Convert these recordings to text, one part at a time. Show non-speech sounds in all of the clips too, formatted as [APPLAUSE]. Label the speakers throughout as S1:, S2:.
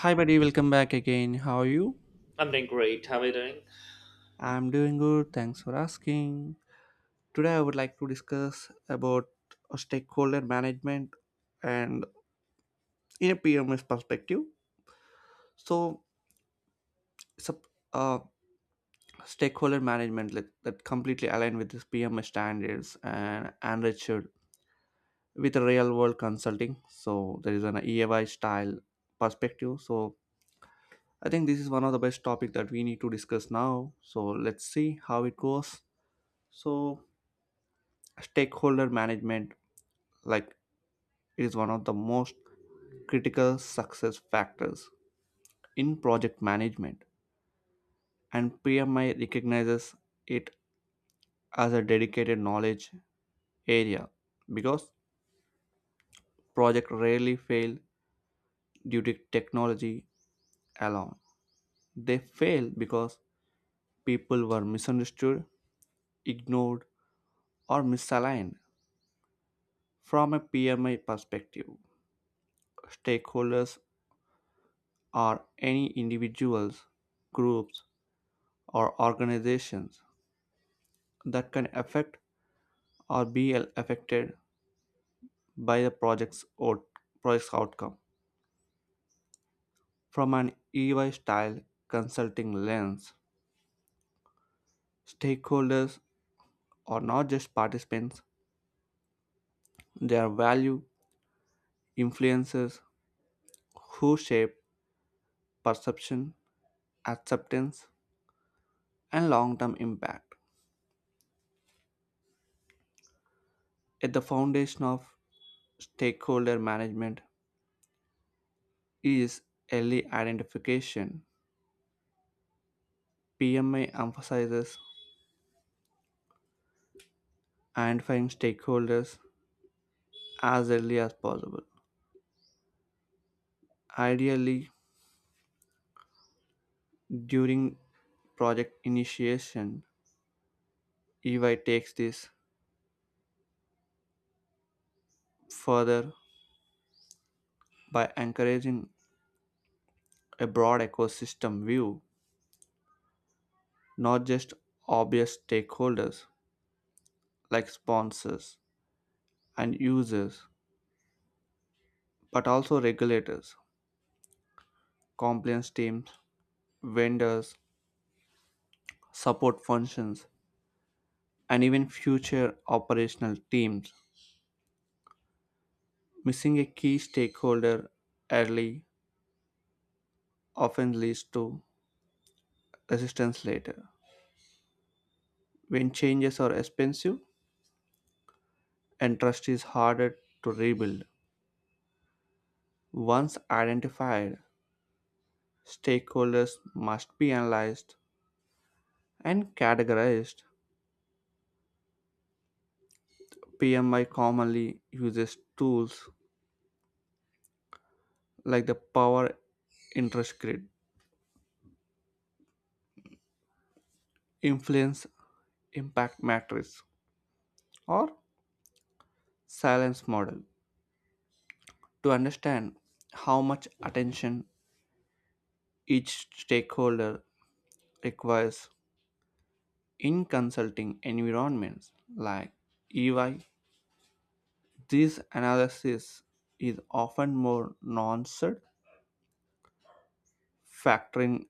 S1: Hi, buddy, welcome back again. How are you?
S2: I'm doing great. How are you doing?
S1: I'm doing good. Thanks for asking. Today, I would like to discuss about stakeholder management and in a PMS perspective. So, it's a, uh, stakeholder management that completely aligned with this PMS standards and enriched with a real world consulting. So, there is an EY style perspective. So, I think this is one of the best topic that we need to discuss now. So, let's see how it goes. So, stakeholder management like is one of the most critical success factors in project management, and PMI recognizes it as a dedicated knowledge area because projects rarely fail due to technology alone. They fail because people were misunderstood, ignored, or misaligned. From a PMI perspective, stakeholders are any individuals, groups, or organizations that can affect or be affected by the project's outcome. From an EY style consulting lens, stakeholders are not just participants, they are value influencers who shape perception, acceptance, and long term impact. At the foundation of stakeholder management is early identification. PMI emphasizes identifying stakeholders as early as possible. Ideally, during project initiation, EY takes this further by encouraging a broad ecosystem view, not just obvious stakeholders like sponsors and users, but also regulators, compliance teams, vendors, support functions, and even future operational teams. Missing a key stakeholder early often leads to resistance later, when changes are expensive and trust is harder to rebuild. Once identified, stakeholders must be analyzed and categorized. PMI commonly uses tools like the power interest grid, influence impact matrix, or silence model to understand how much attention each stakeholder requires. In consulting environments like EY, this analysis is often more nuanced, factoring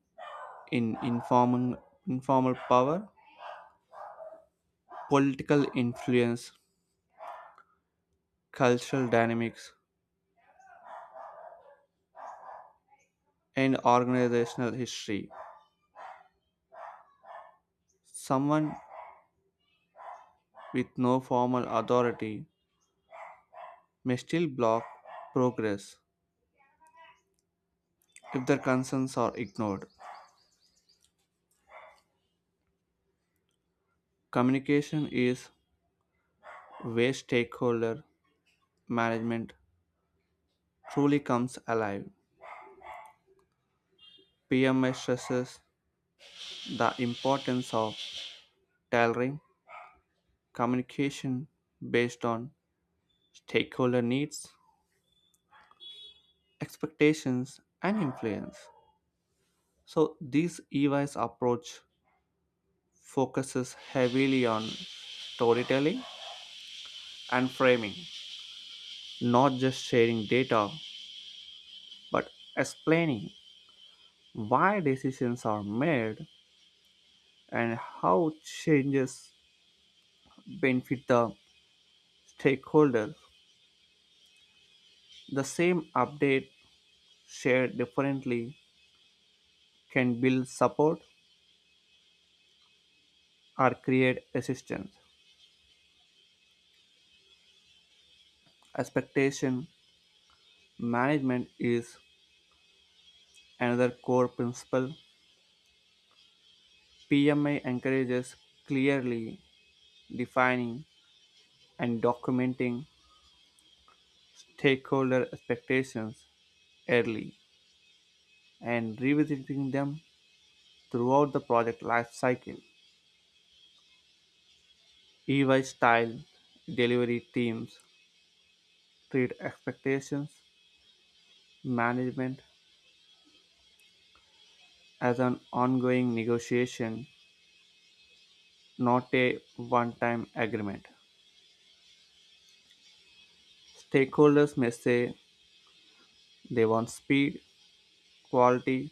S1: in informal power, political influence, cultural dynamics, and organizational history. Someone with no formal authority may still block progress if their concerns are ignored. Communication is where stakeholder management truly comes alive. PMS stresses the importance of tailoring communication based on stakeholder needs, expectations, and influence. So, this EY's approach focuses heavily on storytelling and framing, not just sharing data, but explaining why decisions are made and how changes benefit the stakeholder. The same update shared differently can build support or create resistance. Expectation management is another core principle. PMI encourages clearly defining and documenting stakeholder expectations early and revisiting them throughout the project life cycle. EY style delivery teams treat expectations management as an ongoing negotiation, not a one-time agreement. Stakeholders may say they want speed, quality,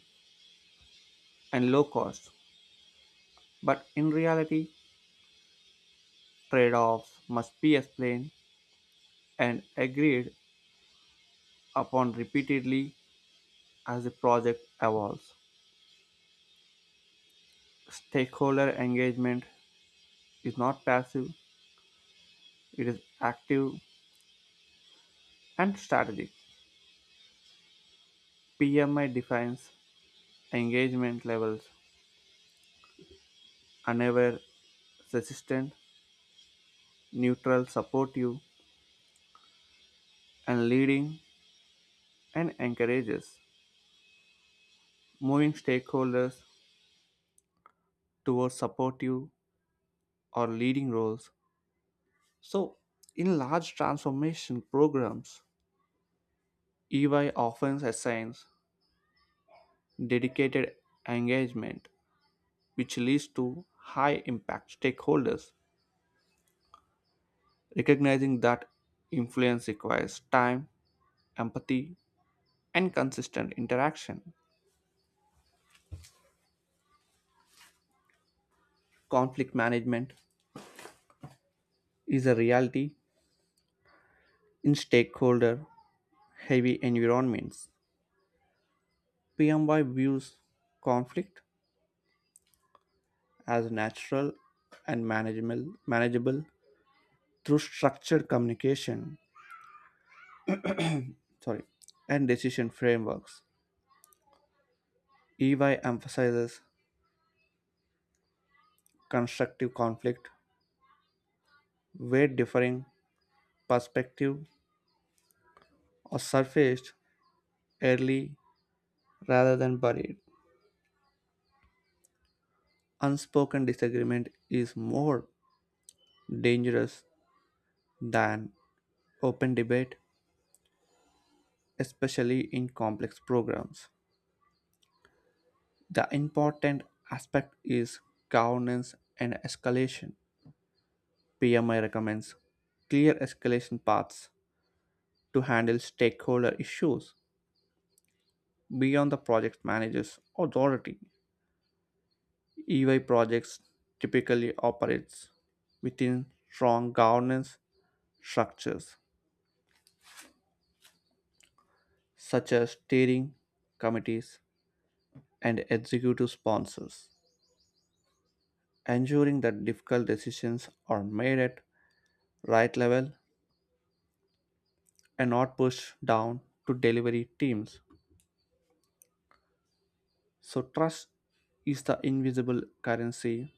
S1: and low cost, but in reality, trade-offs must be explained and agreed upon repeatedly as the project evolves. Stakeholder engagement is not passive, it is active and strategic. PMI defines engagement levels: unaware, resistant, neutral, supportive, and leading, and encourages moving stakeholders towards supportive or leading roles. So, in large transformation programs, EY often assigns dedicated engagement, which leads to high impact stakeholders, recognizing that influence requires time, empathy, and consistent interaction. Conflict management is a reality in stakeholder heavy environments. PMY views conflict as natural and manageable through structured communication, sorry, and decision frameworks. EY emphasizes constructive conflict where differing perspectives are surfaced early rather than buried. Unspoken disagreement is more dangerous than open debate, especially in complex programs. The important aspect is governance and escalation. PMI recommends clear escalation paths to handle stakeholder issues beyond the project manager's authority. EY projects typically operates within strong governance structures such as steering committees and executive sponsors, ensuring that difficult decisions are made at right level and not pushed down to delivery teams. So, trust is the invisible currency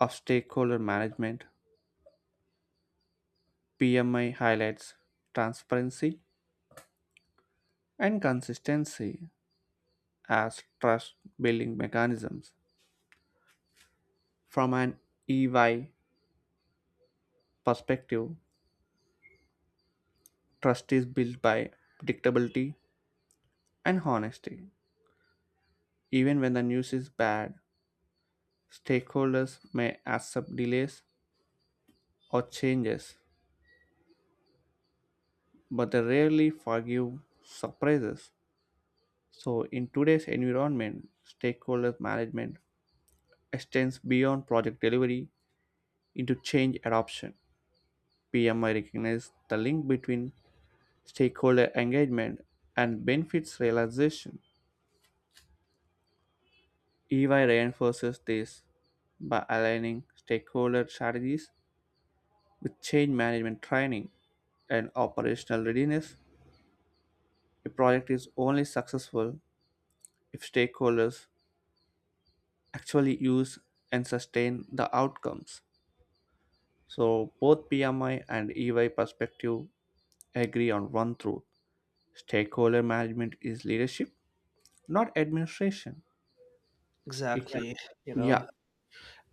S1: of stakeholder management. PMI highlights transparency and consistency as trust building mechanisms. From an EY perspective, trust is built by predictability and honesty. Even when the news is bad, stakeholders may accept delays or changes, but they rarely forgive surprises. So, in today's environment, stakeholder management extends beyond project delivery into change adoption. PMI recognizes the link between stakeholder engagement and benefits realization. EY reinforces this by aligning stakeholder strategies with change management training and operational readiness. A project is only successful if stakeholders actually use and sustain the outcomes. So, both PMI and EY perspective agree on one truth: stakeholder management is leadership, not administration. It- Yeah.
S2: Exactly. You know,
S1: Yeah,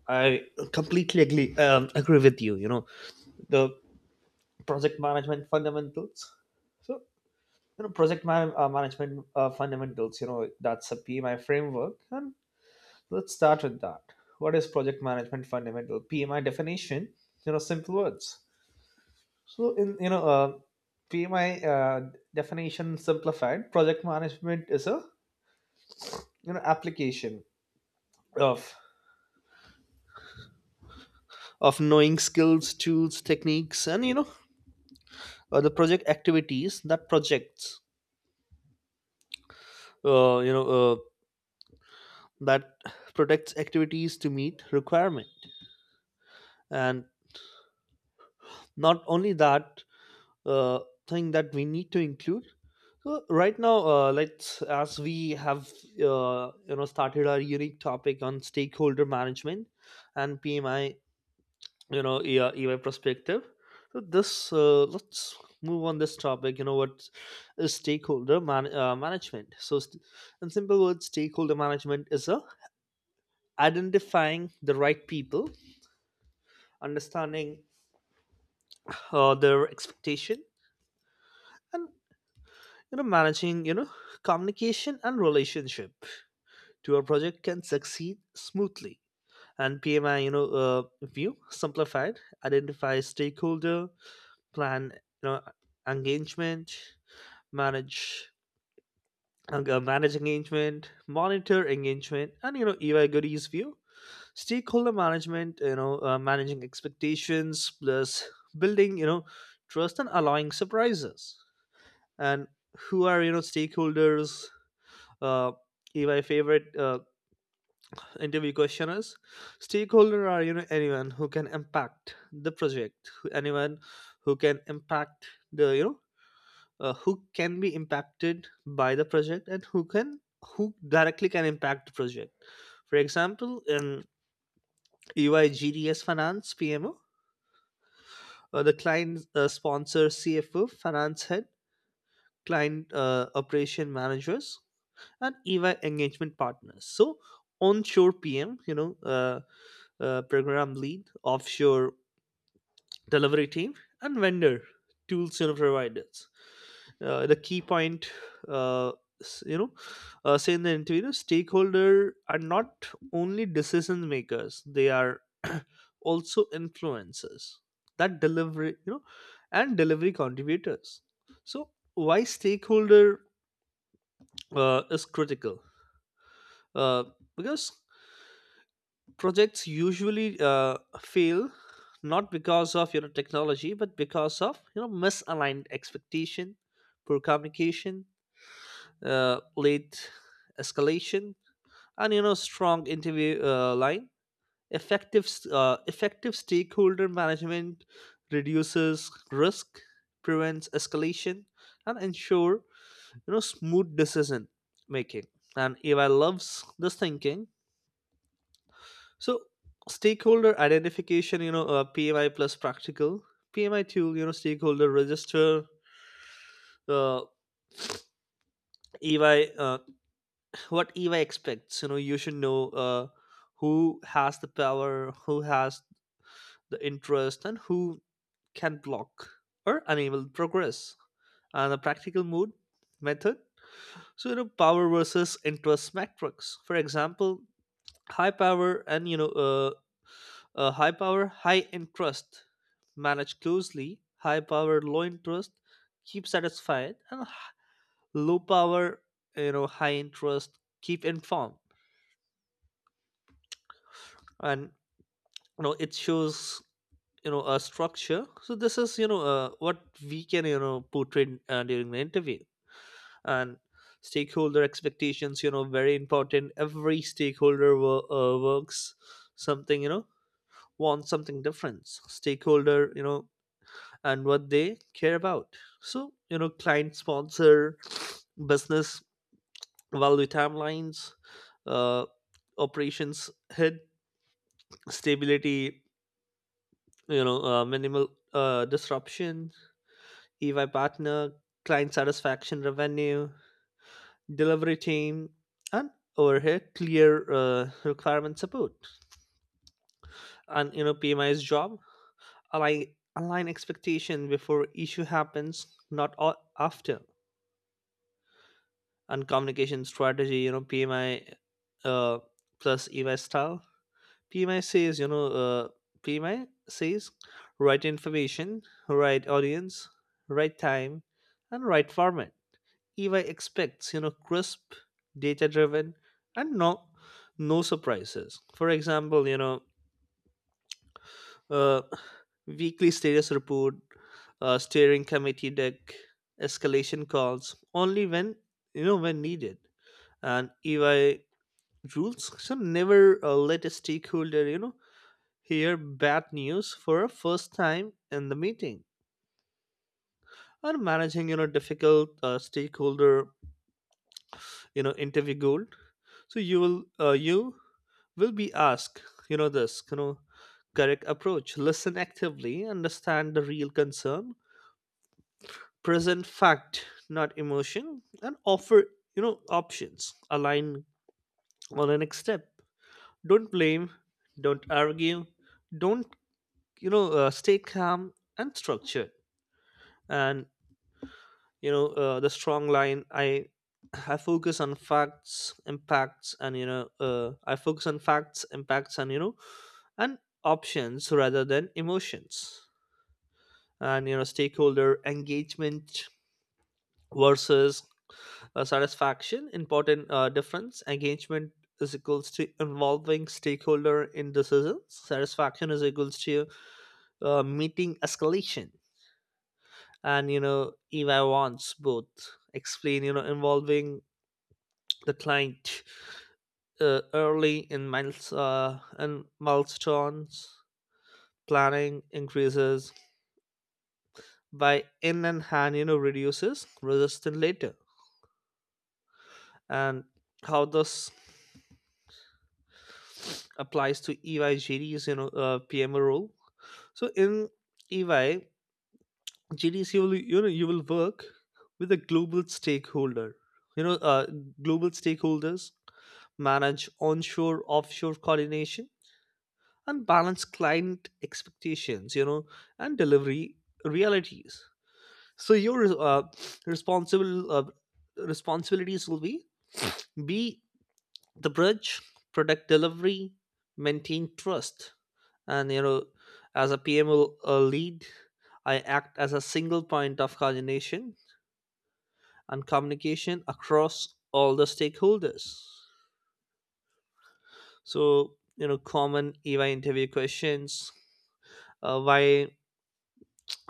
S2: I completely agree, agree with you. The project management fundamentals. So, Management fundamentals, that's a PMI framework. And let's start with that. What is project management fundamental? PMI definition, simple words. So, in, you know, uh, PMI definition simplified, project management is a, application of of knowing skills tools techniques and the project activities that projects you know that protects activities to meet requirement, and not only that uh, thing that we need to include. So right now, let's, as we have started our unique topic on stakeholder management and PMI, you know yeah perspective. So this uh, let's move on this topic. What is stakeholder management? In simple words, stakeholder management is a identifying the right people, understanding their expectation, and managing communication and relationship to a project can succeed smoothly. And PMI view simplified: identify stakeholder, plan engagement, manage engagement, monitor engagement, and EY Goody's view, stakeholder management, managing expectations, plus building trust and allowing surprises. And who are stakeholders? Uh, EY favorite interview question is: stakeholder are anyone who can impact the project, anyone who can impact the, who can be impacted by the project, and who can, who directly can impact the project. For example, in EY GDS finance PMO, the client, sponsor, CFO, finance head, client operation managers, and EY engagement partners, so onshore PM, uh, program lead, offshore delivery team, and vendor tools, providers. The key point, uh, s- you know say in the interview, the stakeholder are not only decision makers, they are [CLEARS THROAT] also influencers that delivery, and delivery contributors. So why stakeholder is critical? uh, because projects usually fail not because of technology, but because of misaligned expectation, poor communication, late escalation, and strong interview line. Effective stakeholder management reduces risk, prevents escalation, and ensure smooth decision making. And AI loves this thinking. So stakeholder identification, PMI plus practical PMI tool, stakeholder register, uh, EY, what eva expects. You should know who has the power, who has the interest, and who can block or enable progress. And a practical mode method, power versus interest metrics. For example, high power and high power high interest, manage closely; high power low interest, keep satisfied; low power, high interest, keep informed. And it shows, a structure. So this is, what we can, portray during the interview. And stakeholder expectations, very important. Every stakeholder works something, wants something different. Stakeholder, and what they care about. Client sponsor: business value, timelines; uh, operations head: stability, minimal disruption; EY partner: client satisfaction, revenue; delivery team and overhead: clear requirement support. And PMI's job: align, align expectation before issue happens, not a- after. And communication strategy, PMI uh, plus EY style. PMI says, you know, uh, PMI says right information, right audience, right time, and right format. EY expects, crisp, data driven, and no surprises. For example, uh, weekly status report, steering committee deck, escalation calls, only when, when needed. And EY rules should never let a stakeholder, hear bad news for a first time in the meeting. Or managing, difficult stakeholder, interview goal. So you will be asked, you know this you know correct approach: listen actively, understand the real concern, present fact not emotion, and offer, options, align on the next step. Don't blame, don't argue, don't you know stay calm and structured. And, the strong line: I focus on facts, impacts, and you know I focus on facts impacts and you know and options rather than emotions. And stakeholder engagement versus satisfaction, important difference. Engagement is equals to involving stakeholder in decisions; satisfaction is equals to meeting escalation. And if I wants both, explain, involving the client early in milestones, planning increases by in and hand, reduces resistance later. And how this applies to EYGD's, PMO role. So in EY, GDs, you will work with a global stakeholder. You know, uh, Global stakeholders, manage onshore, offshore coordination and balance client expectations, and delivery realities. So your, responsible responsibilities will be the bridge product delivery, maintain trust. And, as a PML lead, I act as a single point of coordination and communication across all the stakeholders. So, common EY interview questions, why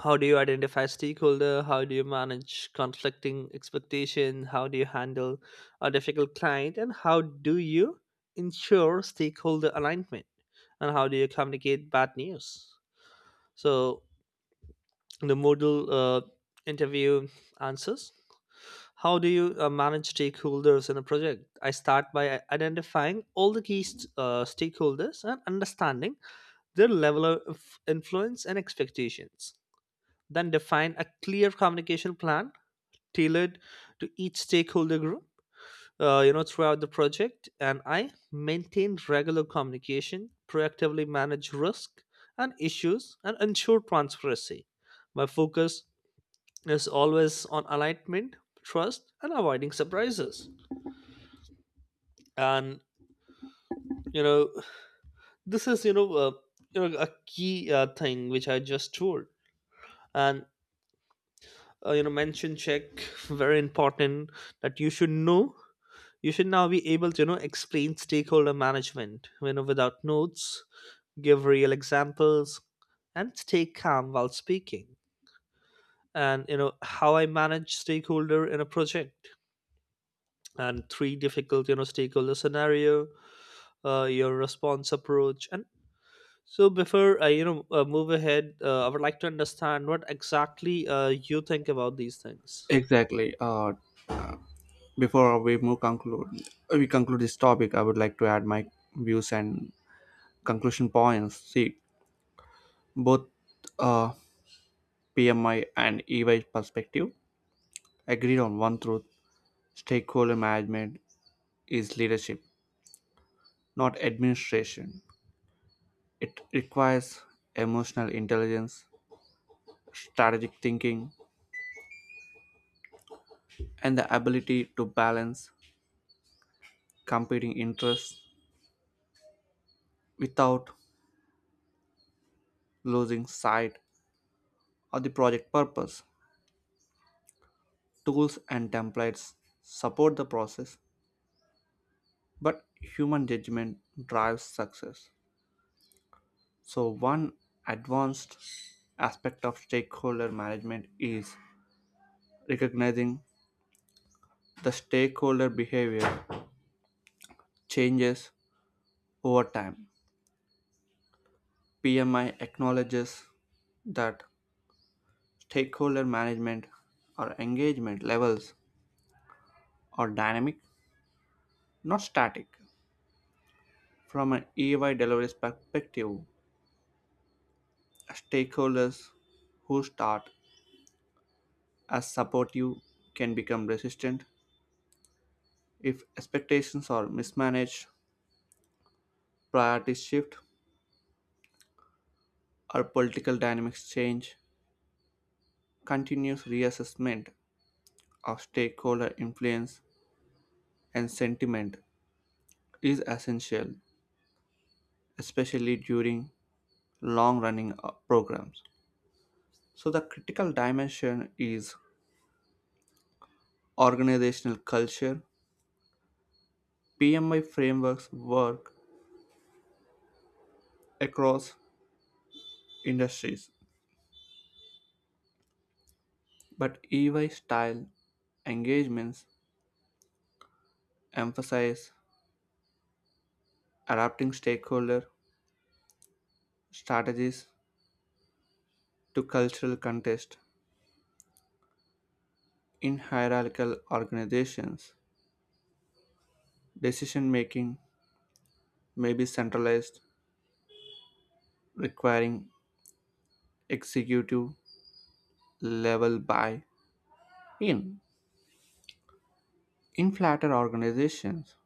S2: how do you identify stakeholder, how do you manage conflicting expectation, how do you handle a difficult client, and how do you ensure stakeholder alignment, and how do you communicate bad news? So the modal interview answers: how do you manage stakeholders in a project? I start by identifying all the key stakeholders and understanding their level of influence and expectations, then define a clear communication plan tailored to each stakeholder group throughout the project, and I maintain regular communication, proactively manage risk and issues, and ensure transparency. My focus is always on alignment, trust, and avoiding surprises. And, you know this is you know a key thing which I just told. And you know Mention check, very important, that you should know. You should now be able to, explain stakeholder management, without notes, give real examples, and stay calm while speaking. And, how I manage stakeholder in a project, and three difficult, stakeholder scenario, your response approach, and so before I, move ahead, I would like to understand what exactly you think about these things.
S1: exactly. Before we conclude this topic, I would like to add my views and conclusion points. See, both uh, PMI and EY perspective agreed on one truth: stakeholder management is leadership, not administration. It requires emotional intelligence, strategic thinking, and the ability to balance competing interests without losing sight of the project purpose. Tools and templates support the process, but human judgment drives success. So, one advanced aspect of stakeholder management is recognizing the stakeholder behavior changes over time. PMI acknowledges that stakeholder management or engagement levels are dynamic, not static. From an EY delivery's perspective, stakeholders who start as supportive can become resistant if expectations are mismanaged, priorities shift, or political dynamics change. Continuous reassessment of stakeholder influence and sentiment is essential, especially during long running programs. So, the critical dimension is organizational culture. PMI frameworks work across industries, but EY style engagements emphasize adapting stakeholder strategies to cultural context. In hierarchical organizations, decision making may be centralized, requiring executive level buy in. In flatter organizations,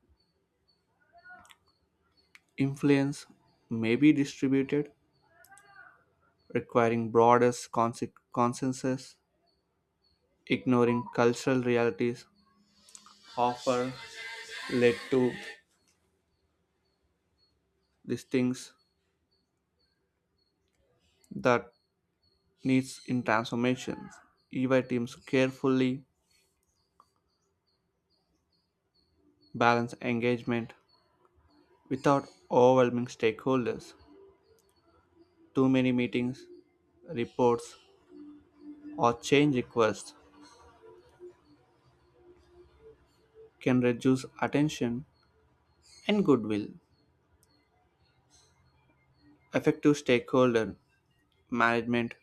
S1: influence may be distributed, requiring broader consensus. Ignoring cultural realities often led to these things that needs in transformations. EY teams carefully balance engagement without overwhelming stakeholders. Too many meetings, reports, or change requests can reduce attention and goodwill. Effective stakeholder management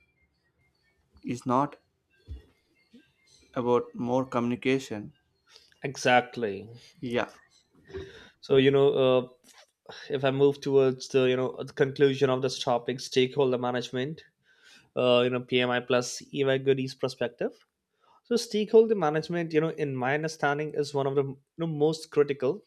S1: is not about more communication.
S2: Exactly.
S1: Yeah.
S2: So, if I move towards the, the conclusion of this topic, stakeholder management, PMI plus EY goodies perspective. So stakeholder management, in my understanding, is one of the, most critical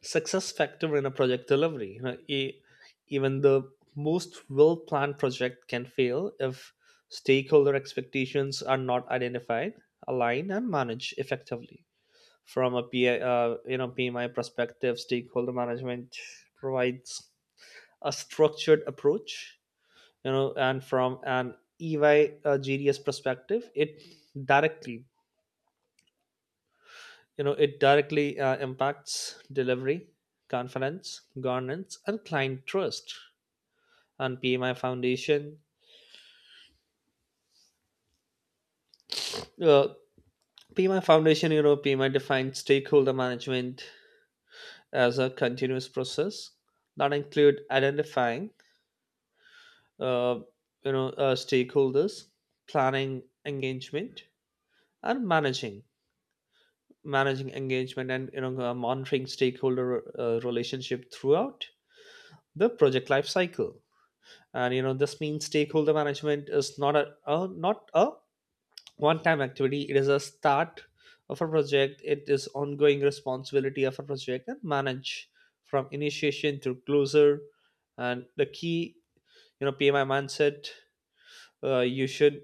S2: success factor in a project delivery. Even the most well planned project can fail if stakeholder expectations are not identified, aligned, and managed effectively. From a PMI perspective, stakeholder management provides a structured approach. And from an EY GDS perspective, it directly, it directly impacts delivery confidence, governance, and client trust. And PMI foundation, uh, PMI defines stakeholder management as a continuous process that include identifying uh, stakeholders, planning engagement, and managing engagement, and monitoring stakeholder relationship throughout the project life cycle. And, this means stakeholder management is not a, one time activity. It is a start of a project, it is ongoing responsibility of a project, and manage from initiation to closure. And the key, PMI mindset, you should.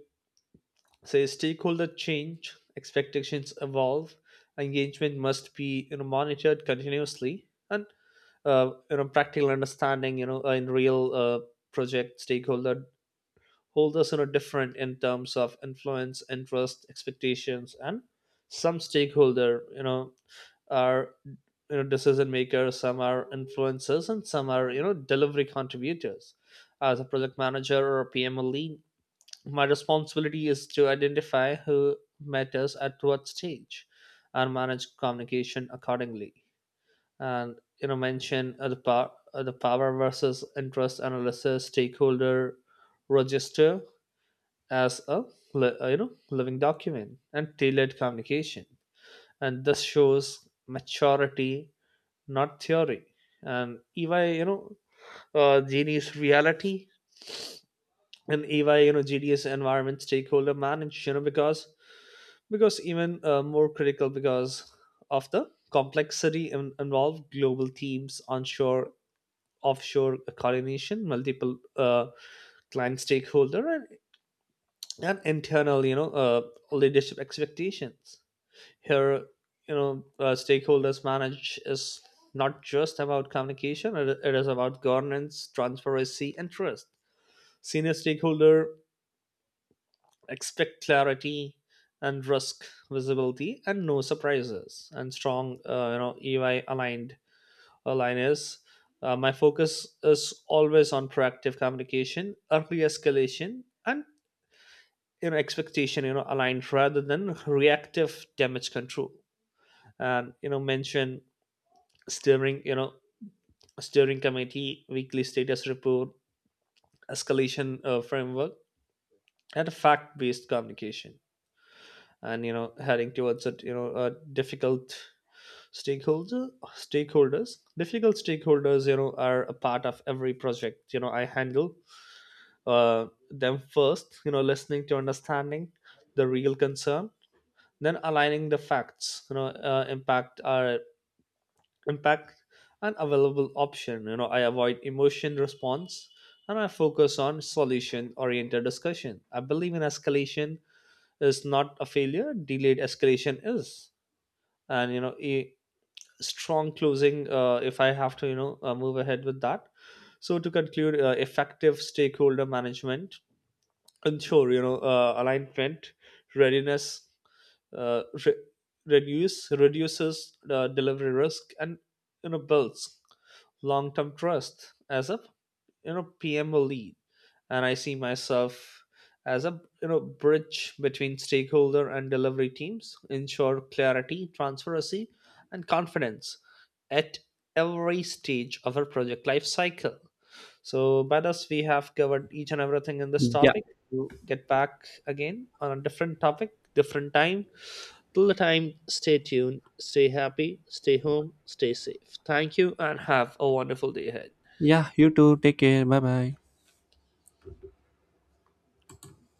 S2: So stakeholder change, expectations evolve, engagement must be, monitored continuously. And, practical understanding, in real project, stakeholder holders, different in terms of influence, interest, expectations. And some stakeholder, you know are you know decision makers, some are influencers, and some are, delivery contributors. As a project manager or a PML lead, my responsibility is to identify who matters at what stage and manage communication accordingly. And, mention the power versus interest analysis, stakeholder register as a living document, and tailored communication. And this shows maturity, not theory. And EY, Genie's reality, and EY, GDS environment, stakeholder manage, because even more critical because of the complexity involved, global teams, onshore offshore coordination, multiple client stakeholder, and internal, leadership expectations here, stakeholders manage is not just about communication, it is about governance, transparency, and trust. Senior stakeholder expect clarity and risk visibility and no surprises. And strong, EY aligned, align is, my focus is always on proactive communication, early escalation, and, expectation, aligned, rather than reactive damage control. And, mention steering you know steering committee, weekly status report, escalation framework, and fact based communication. And, heading towards a, a difficult stakeholder stakeholders Difficult stakeholders, are a part of every project. I handle them first, listening to understanding the real concern, then aligning the facts, impact and available option. I avoid emotion response and I focus on solution oriented discussion. I believe in escalation is not a failure, delayed escalation is. And, strong closing, if I have to, move ahead with that. So to conclude, effective stakeholder management ensure, alignment, readiness, uh, re- reduces delivery risk, and, builds long-term trust. As a, PMO lead, and I see myself as a, bridge between stakeholder and delivery teams, ensure clarity, transparency, and confidence at every stage of our project life cycle. So by this, we have covered each and everything in this
S1: Yeah.
S2: topic. We'll get back again on a different topic, different time. Till the time, stay tuned, stay happy, stay home, stay safe. Thank you and have a wonderful day ahead.
S1: Yeah, you too. Take care. Bye bye.